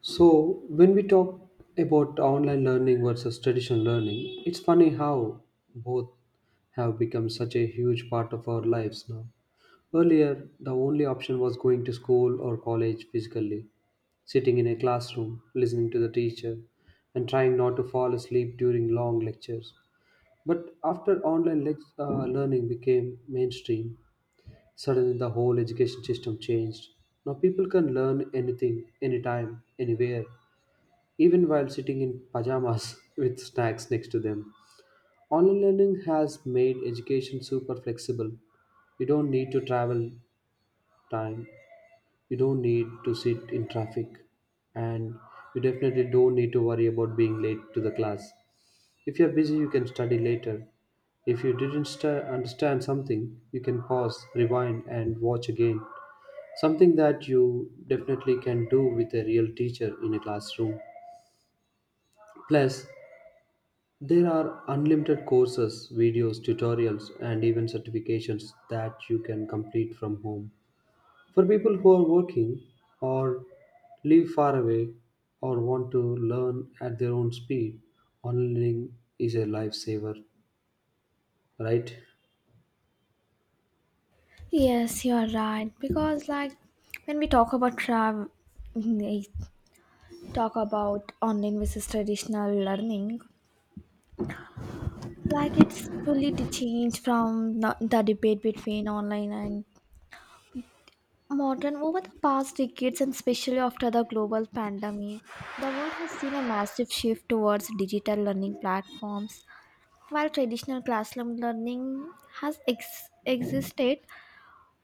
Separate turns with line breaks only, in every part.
So, when we talk about online learning versus traditional learning, it's funny how both have become such a huge part of our lives now. Earlier, the only option was going to school or college physically, sitting in a classroom, listening to the teacher, and trying not to fall asleep during long lectures. But after learning became mainstream, suddenly the whole education system changed. Now people can learn anything, anytime, anywhere, even while sitting in pajamas with snacks next to them. Online learning has made education super flexible. You don't need to travel time, you don't need to sit in traffic, and you definitely don't need to worry about being late to the class. If you're busy, you can study later. If you didn't st- understand something, you can pause, rewind, and watch again. Something that you definitely can do with a real teacher in a classroom. Plus, there are unlimited courses, videos, tutorials, and even certifications that you can complete from home. For people who are working or live far away or want to learn at their own speed, online is a lifesaver, right?
Yes, you are right. Because, when we talk about travel, we talk about online versus traditional learning, it's changed from the debate between online and modern over the past decades, and especially after the global pandemic. The world has seen a massive shift towards digital learning platforms, while traditional classroom learning has ex- existed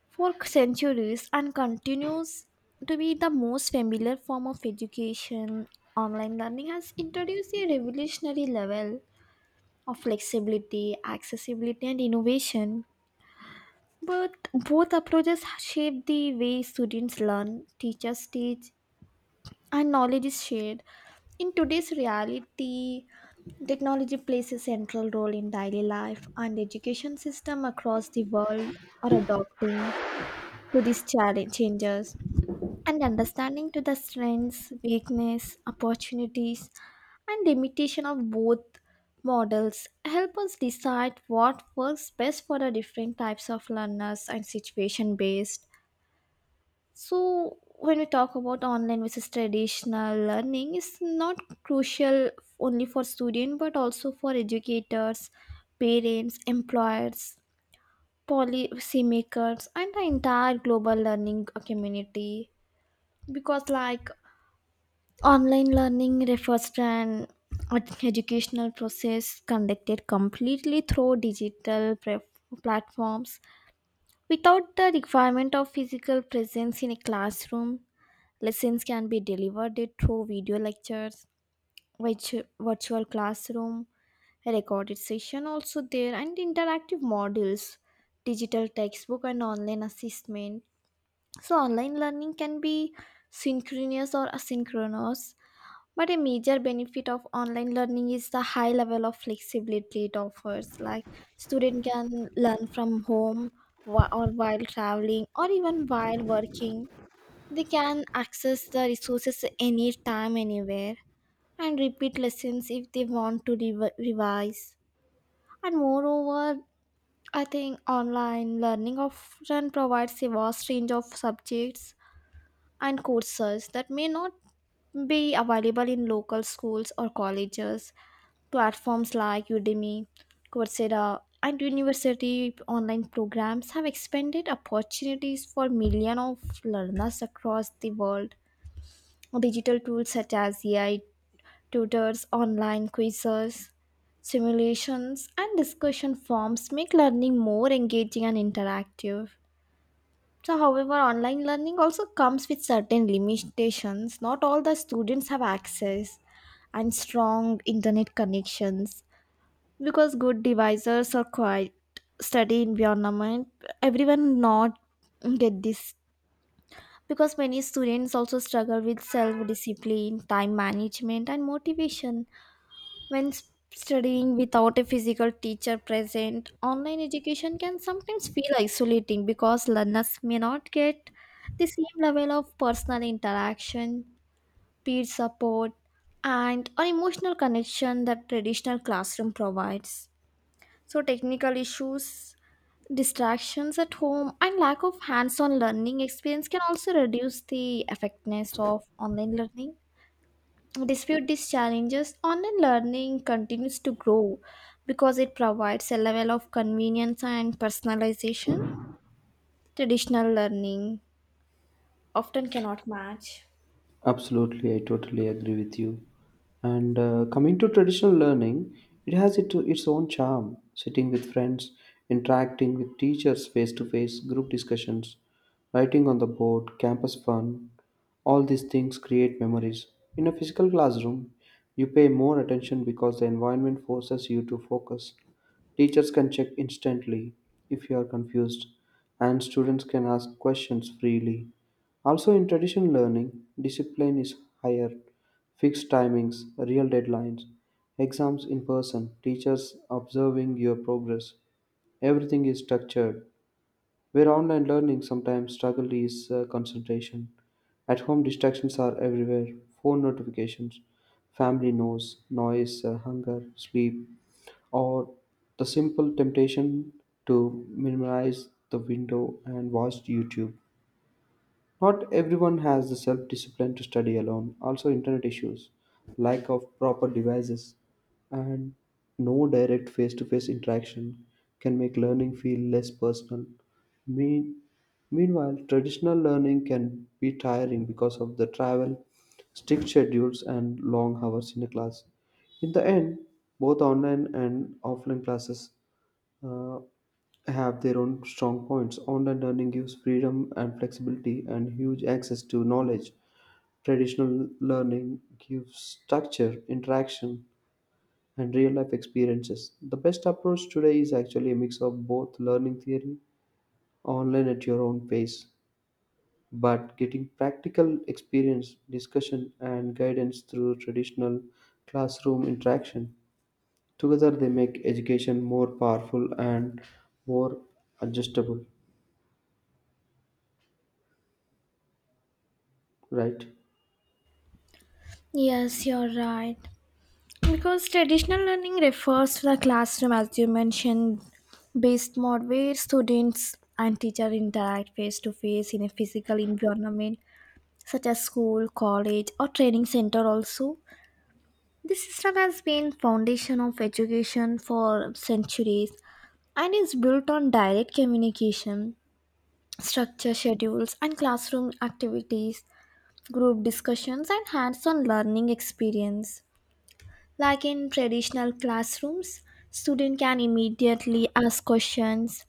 for centuries and continues to be the most familiar form of education. Online learning has introduced a revolutionary level of flexibility, accessibility, and innovation. But both approaches shape the way students learn, teachers teach, and knowledge is shared. In today's reality, technology plays a central role in daily life, and education system across the world are adopting to these changes. And understanding to the strengths, weakness, opportunities, and limitation of both models help us decide what works best for the different types of learners and situation based. So when we talk about online versus traditional learning, it's not crucial only for students, but also for educators, parents, employers, policymakers, and the entire global learning community. Because, online learning refers to an educational process conducted completely through platforms without the requirement of physical presence in a classroom. Lessons can be delivered through video lectures, virtual classroom, a recorded session also there, and interactive modules, digital textbook, and online assessment. So, online learning can be synchronous or asynchronous, but a major benefit of online learning is the high level of flexibility it offers. Like, student can learn from home, or while traveling or even while working. They can access the resources anytime, anywhere, and repeat lessons if they want to revise. And moreover, I think online learning often provides a vast range of subjects and courses that may not be available in local schools or colleges. Platforms like Udemy, Coursera, and university online programs have expanded opportunities for millions of learners across the world. Digital tools such as AI tutors, online quizzes, simulations, and discussion forums make learning more engaging and interactive. So, however, online learning also comes with certain limitations. Not all the students have access and strong internet connections, because good divisors are quite study environment, everyone not get this, because many students also struggle with self discipline, time management, and motivation. when s- studying without a physical teacher present, online education can sometimes feel isolating, because learners may not get the same level of personal interaction, peer support, and or emotional connection that traditional classroom provides. So, technical issues, distractions at home, and lack of hands on learning experience can also reduce the effectiveness of online learning. Despite these challenges, online learning continues to grow because it provides a level of convenience and personalization traditional learning often cannot match.
Absolutely, I totally agree with you. And coming to traditional learning, its own charm. Sitting with friends, interacting with teachers face to face, group discussions, writing on the board, campus fun, all these things create memories. In a physical classroom, you pay more attention because the environment forces you to focus. Teachers can check instantly if you are confused, and students can ask questions freely. Also, in traditional learning, discipline is higher, fixed timings, real deadlines, exams in person, teachers observing your progress. Everything is structured. Where online learning sometimes struggle is concentration. At home, distractions are everywhere: phone notifications, family noise, hunger, sleep, or the simple temptation to minimize the window and watch YouTube. Not everyone has the self discipline to study alone. Also, internet issues, lack of proper devices, and no direct face to face interaction can make learning feel less personal. Mean, Meanwhile, traditional learning can be tiring because of the travel, strict schedules, and long hours in a class. In the end, both online and offline classes uh, have their own strong points. Online learning gives freedom and flexibility and huge access to knowledge. Traditional learning gives structure, interaction, and real life experiences. The best approach today is actually a mix of both: learning theory online at your own pace, but getting practical experience, discussion, and guidance through traditional classroom interaction. Together, they make education more powerful and more adjustable, right?
Yes, you're right. Because traditional learning refers to the classroom, as you mentioned, based mode where students and teacher interact face to face in a physical environment such as school, college, or training center. Also, this system has been foundation of education for centuries and is built on direct communication, structure schedules, and classroom activities, group discussions, and hands-on learning experience. Like, in traditional classrooms, student can immediately ask questions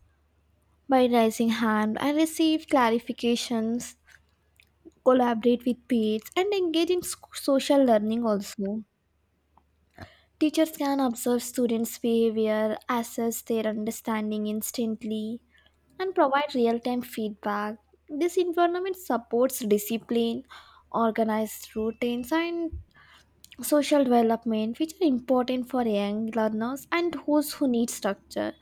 by raising hand and receive clarifications, collaborate with peers, and engage in social learning also. Teachers can observe students' behavior, assess their understanding instantly, and provide real time feedback. This environment supports discipline, organized routines, and social development, which are important for young learners and those who need structure.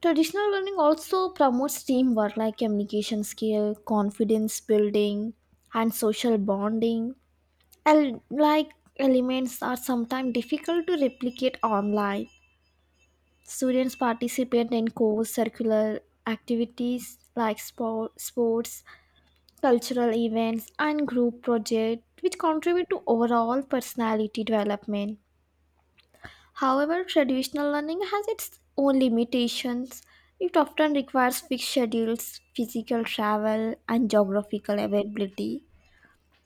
Traditional learning also promotes teamwork, like communication skill, confidence building, and social bonding, and like elements are sometimes difficult to replicate online. Students participate in course circular activities like sports, cultural events, and group projects, which contribute to overall personality development. However, traditional learning has its own limitations. It often requires fixed schedules, physical travel, and geographical availability,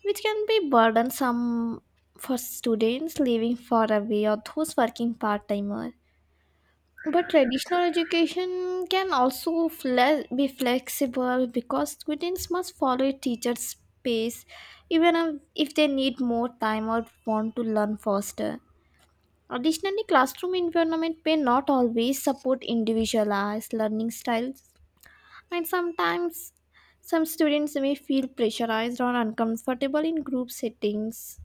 which can be burdensome for students living far away or those working part timer. But traditional education can also be flexible, because students must follow a teacher's pace even if they need more time or want to learn faster. Additionally, classroom environment may not always support individualized learning styles, and sometimes some students may feel pressurized or uncomfortable in group settings.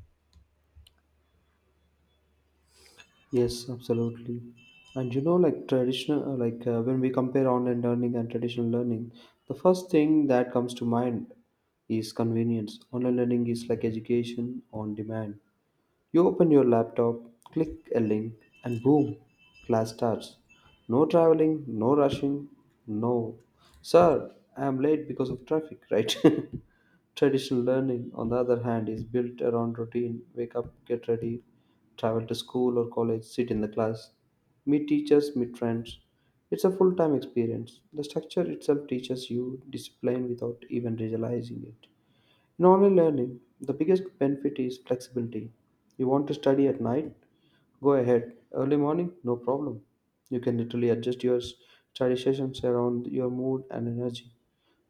Yes, absolutely. And you know, like traditional, like when we compare online learning and traditional learning, the first thing that comes to mind is convenience. Online learning is like education on demand. You open your laptop, click a link, and boom, class starts. No traveling, no rushing, no. Sir, I am late because of traffic, right? Traditional learning, on the other hand, is built around routine: wake up, get ready, travel to school or college, sit in the class, meet teachers, meet friends. It's a full time experience. The structure itself teaches you discipline without even realizing it. In online learning, the biggest benefit is flexibility. You want to study at night? Go ahead. Early morning? No problem. You can literally adjust your study sessions around your mood and energy.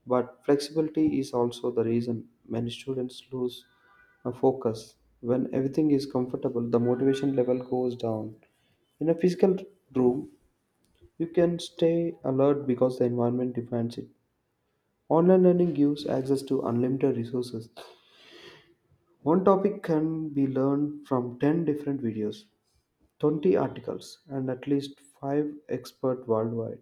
But flexibility is also the reason many students lose a focus. When everything is comfortable, the motivation level goes down. In a physical room, you can stay alert because the environment defines it. Online learning gives access to unlimited resources. One topic can be learned from 10 different videos, 20 articles, and at least 5 experts worldwide.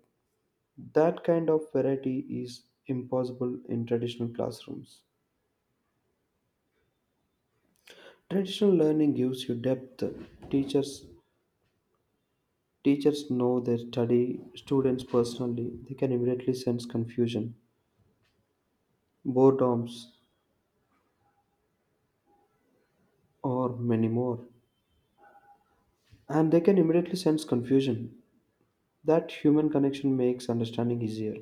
That kind of variety is impossible in traditional classrooms. Traditional learning gives you depth. Teachers teachers know their study students personally. They can immediately sense confusion, boredoms, or many more. And they can immediately sense confusion. That human connection makes understanding easier.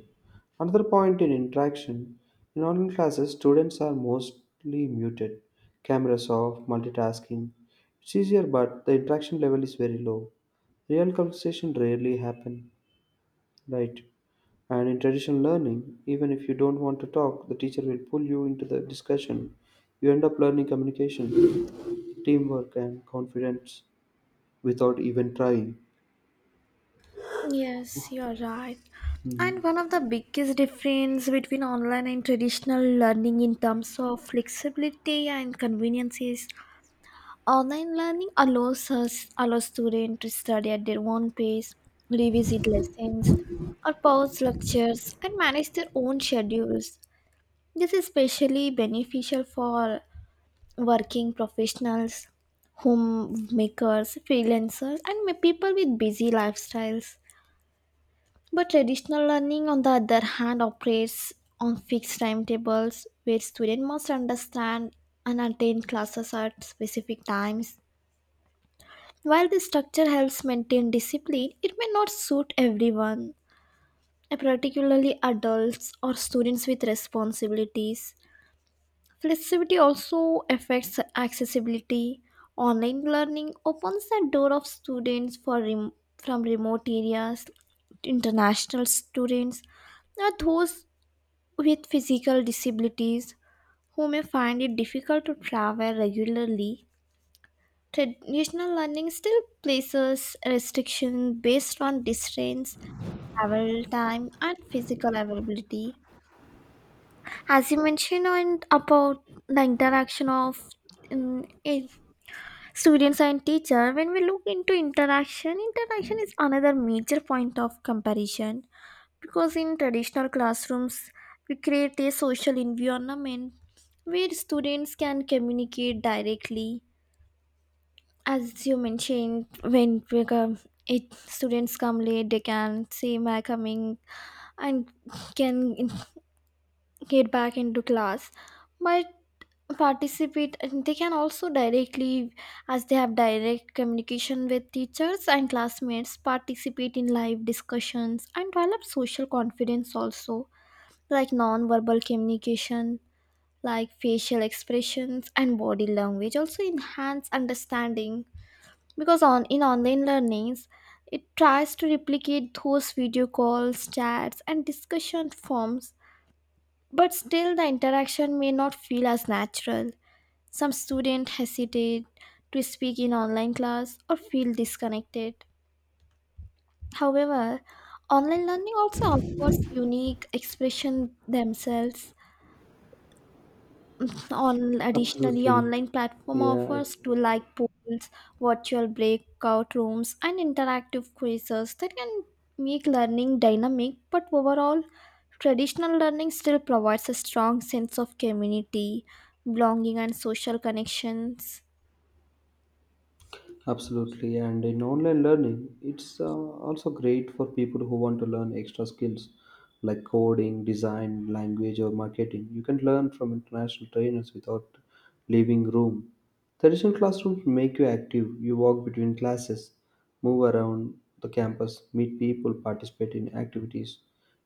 Another point in interaction: in online classes, students are mostly muted, cameras off, multitasking. It's easier, but the interaction level is very low. Real conversation rarely happen, right? And in traditional learning, even if you don't want to talk, the teacher will pull you into the discussion. You end up learning communication, teamwork, and confidence without even trying.
Yes, you're right. And one of the biggest difference between online and traditional learning in terms of flexibility and convenience is, online learning allows students to study at their own pace, revisit lessons, or pause lectures and manage their own schedules. This is especially beneficial for working professionals, homemakers, freelancers, and people with busy lifestyles. But traditional learning, on the other hand, operates on fixed timetables where students must understand and attend classes at specific times. While this structure helps maintain discipline, it may not suit everyone, and particularly adults or students with responsibilities. Flexibility also affects accessibility. Online learning opens the door of students for from remote areas, international students, or those with physical disabilities who may find it difficult to travel regularly. Traditional learning still places restrictions based on distance, travel time, and physical availability. As you mentioned on, about the interaction of um, eh, students and teacher, when we look into interaction, interaction is another major point of comparison, because in traditional classrooms, we create a social environment where students can communicate directly. As you mentioned, when we come, it students come late, they can say my coming and can get back into class, but participate, and they can also directly, as they have direct communication with teachers and classmates, participate in live discussions and develop social confidence also. Like non-verbal communication, like facial expressions and body language, also enhance understanding, because on in online learnings, it tries to replicate those video calls, chats, and discussion forms, but still the interaction may not feel as natural. Some students hesitate to speak in online class or feel disconnected. However, online learning also offers unique expression themselves. On additionally,
Absolutely.
online platform
Yeah, I
offers to like polls, virtual breakout rooms, and interactive quizzes that can make learning dynamic. But overall, traditional learning still provides a strong sense of community, belonging, and social connections.
absolutely, and in online learning, it's also great for people who want to learn extra skills like coding, design, language, or marketing. You can learn from international trainers without leaving room. Traditional classrooms make you active. You walk between classes, move around the campus, meet people, participate in activities.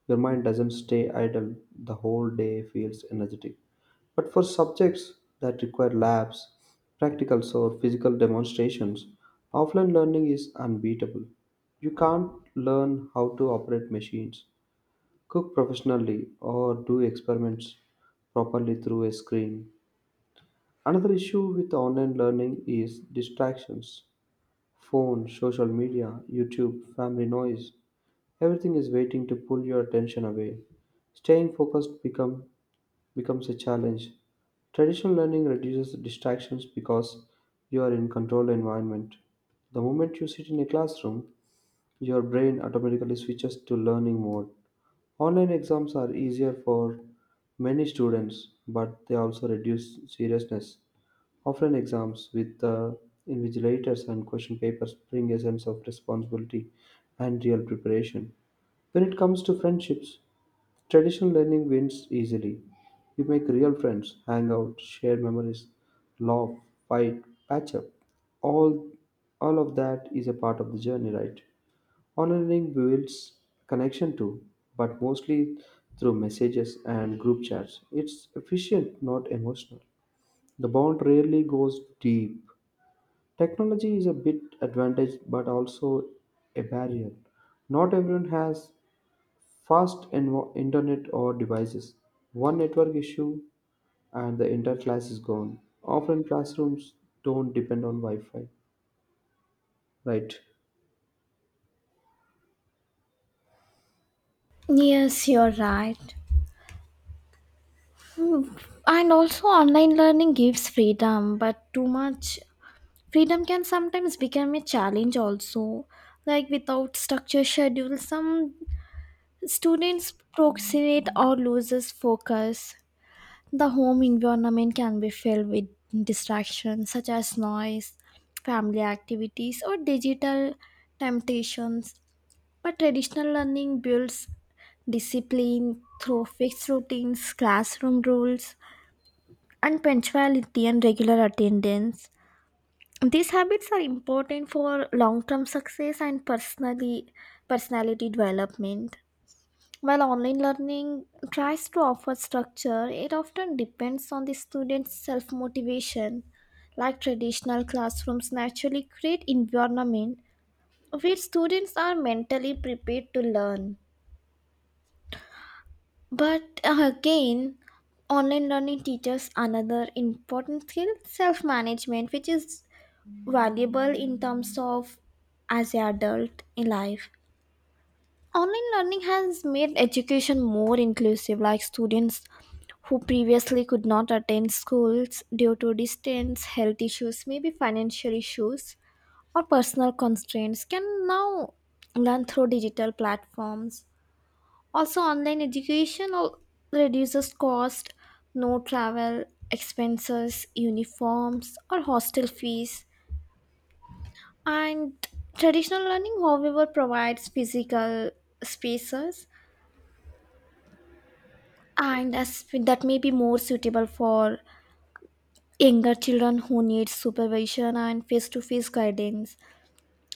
Your mind doesn't stay idle. The whole day feels energetic. But for subjects that require labs, practicals, or physical demonstrations, offline learning is unbeatable. You can't learn how to operate machines, cook professionally, or do experiments properly through a screen. Another issue with online learning is distractions. Phone, social media, YouTube, family noise. Everything is waiting to pull your attention away. Staying focused becomes a challenge. Traditional learning reduces distractions because you are in controlled environment. The moment you sit in a classroom, your brain automatically switches to learning mode. Online exams are easier for many students, but they also reduce seriousness. Offline exams with invigilators and question papers bring a sense of responsibility and real preparation. When it comes to friendships, traditional learning wins easily. You make real friends, hang out, share memories, laugh, fight, patch up. All all of that is a part of the journey, right? Online learning builds connection too, but mostly through messages and group chats. It's efficient, not emotional. The bond rarely goes deep. Technology is a bit advantage but also a barrier. Not everyone has internet or devices. One network issue and the entire class is gone. Often classrooms don't depend on Wi Fi, right?
Yes, you're right. Hmm. And also, online learning gives freedom, but too much freedom can sometimes become a challenge, also. Like, without structured schedule, some students procrastinate or loses focus. The home environment can be filled with distractions such as noise, family activities, or digital temptations. But traditional learning builds discipline through fixed routines, classroom rules, and punctuality and regular attendance. These habits are important for long-term success and personally personality development. While online learning tries to offer structure, it often depends on the student's self motivation. Like traditional classrooms naturally create environment where students are mentally prepared to learn. But again, online learning teaches another important skill, self management, which is valuable in terms of as an adult in life. Online learning has made education more inclusive, like students who previously could not attend schools due to distance, health issues, maybe financial issues, or personal constraints, can now learn through digital platforms. Also, online reduces cost, no travel expenses, uniforms, or hostel fees. And traditional learning, however, provides physical spaces, and as that may be more suitable for younger children who need supervision and face-to-face guidance.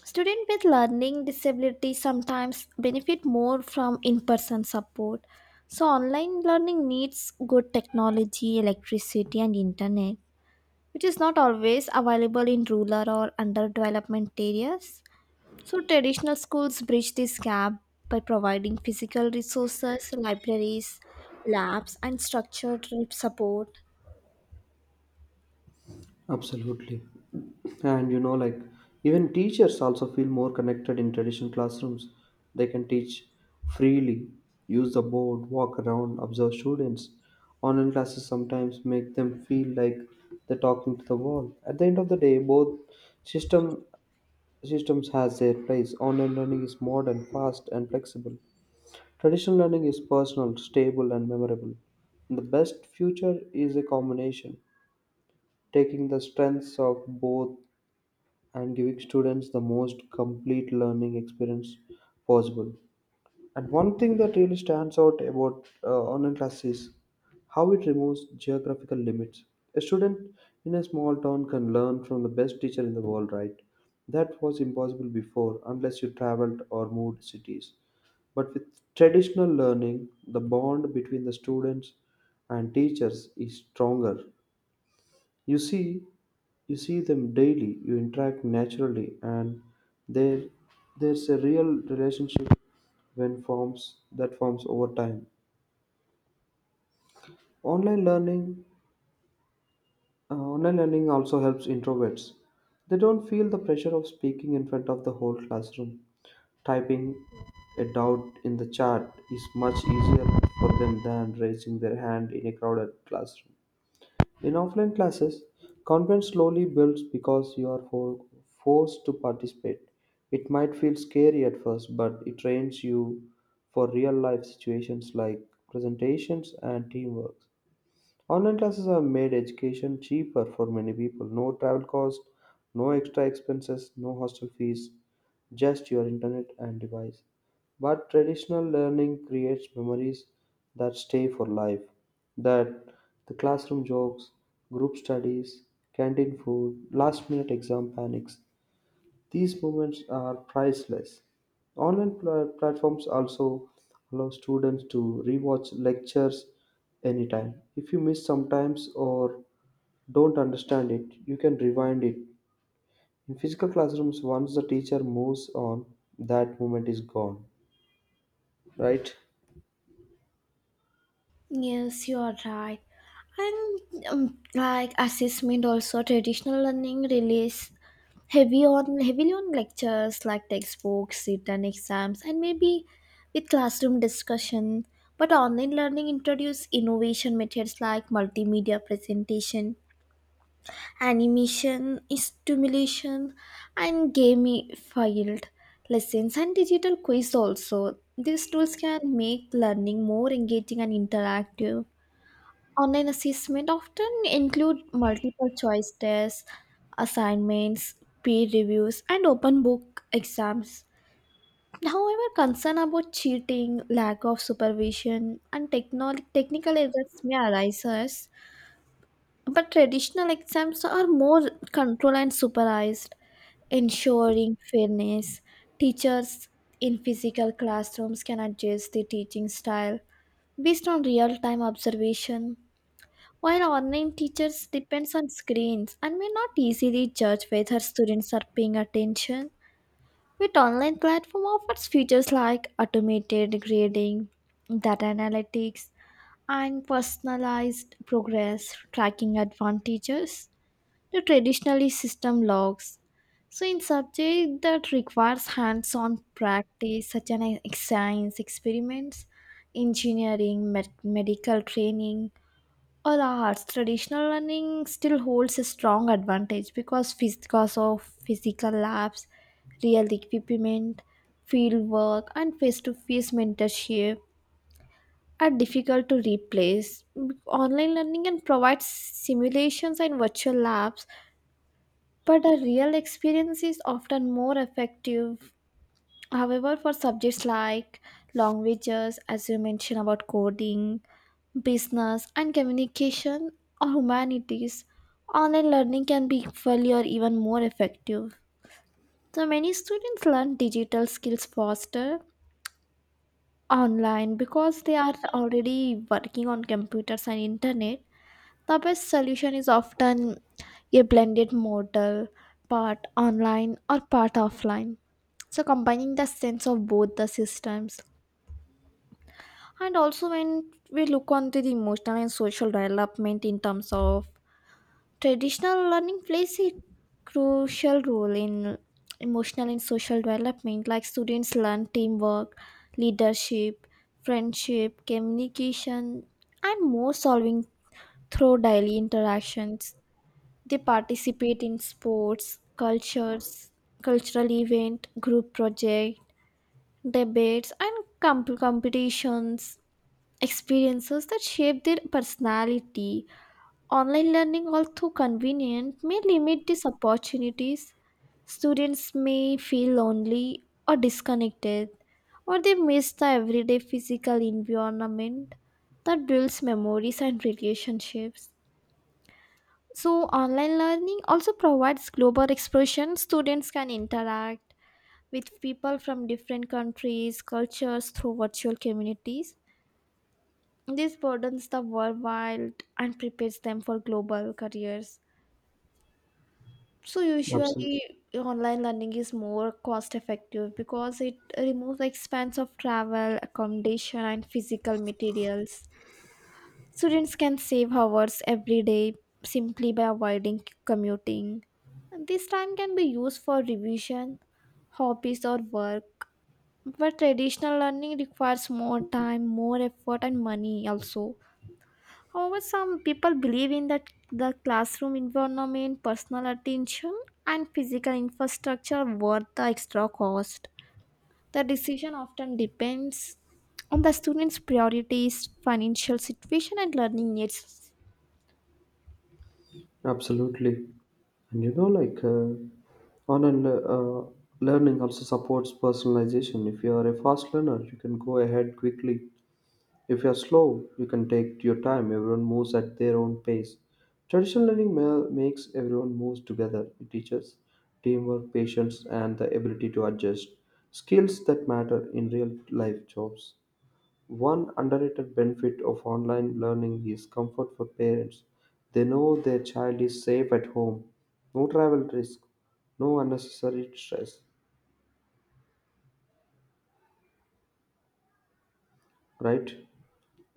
Students with learning disabilities sometimes benefit more from in-person support. So online learning needs good technology, electricity, and internet, which is not always available in rural or underdevelopment areas. So traditional schools bridge this gap by providing physical resources, libraries, labs, and structured support.
Absolutely. And you know, like, even teachers also feel more connected in traditional classrooms. They can teach freely, use the board, walk around, observe students. Online classes sometimes make them feel like they're talking to the wall. At the end of the day, both system systems has their place. Online learning is modern, fast, and flexible. Traditional learning is personal, stable, and memorable. The best future is a combination, taking the strengths of both and giving students the most complete learning experience possible. And one thing that really stands out about online classes, is how it removes geographical limits. A student in a small town can learn from the best teacher in the world, right? That was impossible before unless you traveled or moved cities. But with traditional learning, the bond between the students and teachers is stronger. You see, you see them daily. You interact naturally, and there, there's a real relationship when forms that forms over time. Online learning, Online learning also helps introverts. They don't feel the pressure of speaking in front of the whole classroom. Typing a doubt in the chat is much easier for them than raising their hand in a crowded classroom. In offline classes, confidence slowly builds because you are forced to participate. It might feel scary at first, but it trains you for real life situations like presentations and teamwork. Online classes have made education cheaper for many people. No travel cost, no extra expenses, no hostel fees, just your internet and device. But traditional learning creates memories that stay for life. That the classroom jokes, group studies, canteen food, last minute exam panics. These moments are priceless. Platforms also allow students to rewatch lectures anytime. If you miss sometimes or don't understand it, you can rewind it. In physical classrooms, once the teacher moves on, that moment is gone, right?
Yes, you are right. And like assessment also, traditional learning release heavy on heavily on lectures like textbooks, written exams, and maybe with classroom discussion. But online learning introduce innovation methods like multimedia presentation, animation, stimulation, and gamified lessons and digital quiz also. These tools can make learning more engaging and interactive. Online assessment often include multiple choice tests, assignments, peer reviews, and open book exams. However, concern about cheating, lack of supervision, and technical errors may arise, but traditional exams are more controlled and supervised, ensuring fairness. Teachers in physical classrooms can adjust their teaching style based on real time observation, while online teachers depends on screens and may not easily judge whether students are paying attention, with online platform offers features like automated grading, data analytics, and personalized progress tracking advantages to traditionally system logs. So in subject that requires hands-on practice, such as science experiments, engineering, medical training, or arts, traditional learning still holds a strong advantage because because of physical labs, real equipment, field work, and face-to-face mentorship are difficult to replace. Online learning can provide simulations and virtual labs, but a real experience is often more effective. However, for subjects like languages, as you mentioned about coding, business and communication, or humanities, online learning can be equally or even more effective. So many students learn digital skills faster online because they are already working on computers and internet. The best solution is often a blended model, part online or part offline. So combining the sense of both the systems. And also when we look on to the emotional and social development in terms of, traditional learning plays a crucial role in emotional and social development, like students learn teamwork, leadership, friendship, communication, and more solving through daily interactions. They participate in cultures, cultural event, group project, debates, and competitions, experiences that shape their personality. Online learning, although convenient, may limit these opportunities. Students may feel lonely or disconnected, or they miss the everyday physical environment that builds memories and relationships. So, online learning also provides global expression. Students can interact with people from different countries, cultures through virtual communities. This broadens the worldwide and prepares them for global careers. So
Absolutely.
usually online learning is more cost effective, because it removes the expense of travel, accommodation, and physical materials. Students can save hours every day simply by avoiding commuting. And this time can be used for revision, hobbies, or work. But traditional learning requires more time, more effort, and money also. However, some people believe in that the classroom environment, personal attention, and physical infrastructure are worth the extra cost. The decision often depends on the student's priorities, financial situation, and learning needs.
Absolutely. And you know, learning also supports personalization. If you are a fast learner, you can go ahead quickly. If you're slow, you can take your time. Everyone moves at their own pace. Makes everyone moves together. It teaches teamwork, patience, and the ability to adjust. Skills that matter in real life jobs. One underrated benefit of online learning is comfort for parents. They know their child is safe at home. No travel risk, no unnecessary stress, right?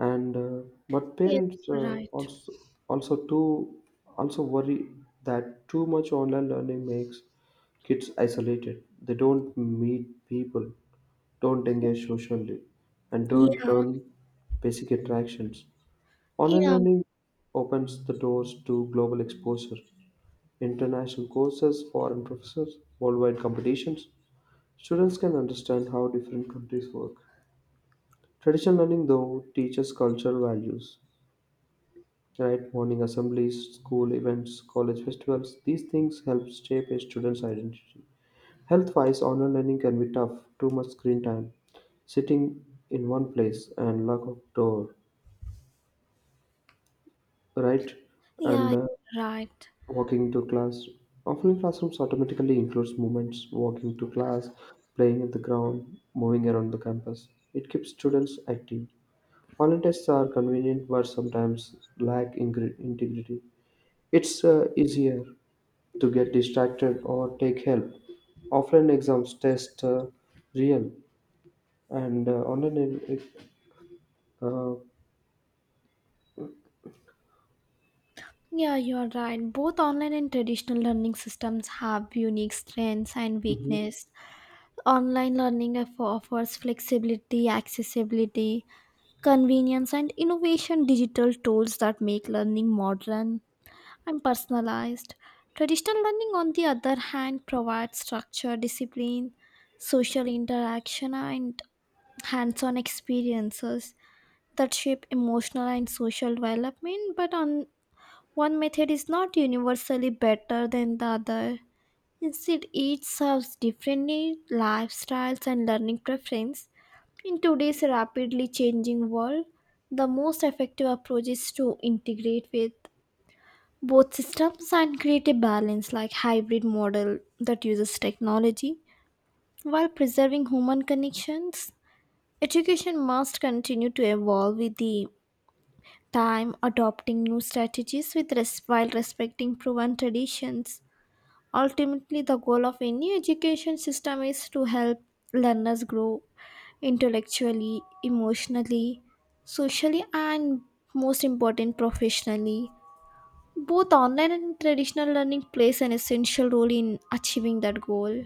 And but
Yes,
parents
right.
also also too also worry that too much online learning makes kids isolated, they don't meet people, don't engage socially, and don't
Yeah,
learn basic interactions. Online
yeah,
learning opens the doors to global exposure: international courses, foreign professors, worldwide competitions. Students can understand how different countries work. Traditional learning though teaches cultural values. Right, morning assemblies, school events, college festivals, these things help shape a student's identity. Health wise, online learning can be tough: too much screen time, sitting in one place, and lack of door, right? And
yeah, right.
walking to class. Offline classrooms automatically includes movements, walking to class, playing in the ground, moving around the campus. It keeps students active. Online tests are convenient but sometimes lack integrity. It's easier to get distracted or take help. Offline exams test real and uh, online. e- Uh,
Yeah, you're right. Both online and traditional learning systems have unique strengths and
mhm.
weaknesses. Online learning offers flexibility, accessibility, convenience, and innovation digital tools that make learning modern and personalized. Traditional learning, on the other hand, provides structure, discipline, social interaction, and hands on experiences that shape emotional and social development. But on, one method is not universally better than the other. Instead, each serves different needs, lifestyles, and learning preference. In today's rapidly changing world, the most effective approach is to integrate with both systems and create a balance like hybrid model that uses technology while preserving human connections. Education must continue to evolve with the time, adopting new strategies with while respecting proven traditions. Ultimately, the goal of any education system is to help learners grow intellectually, emotionally, socially, and most important, professionally. Both online and traditional learning plays an essential role in achieving that goal.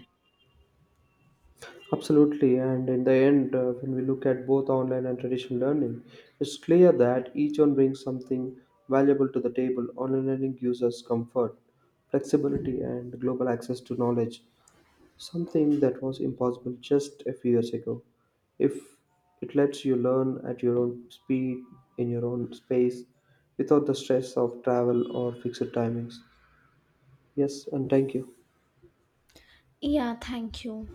Absolutely, and in the end, when we look at both online and traditional learning, it's clear that each one brings something valuable to the table. Online learning gives us comfort, flexibility, and global access to knowledge, something that was impossible just a few years ago. If it lets you learn at your own speed, in your own space, without the stress of travel or fixed timings. Yes, and thank you.
Yeah, thank you.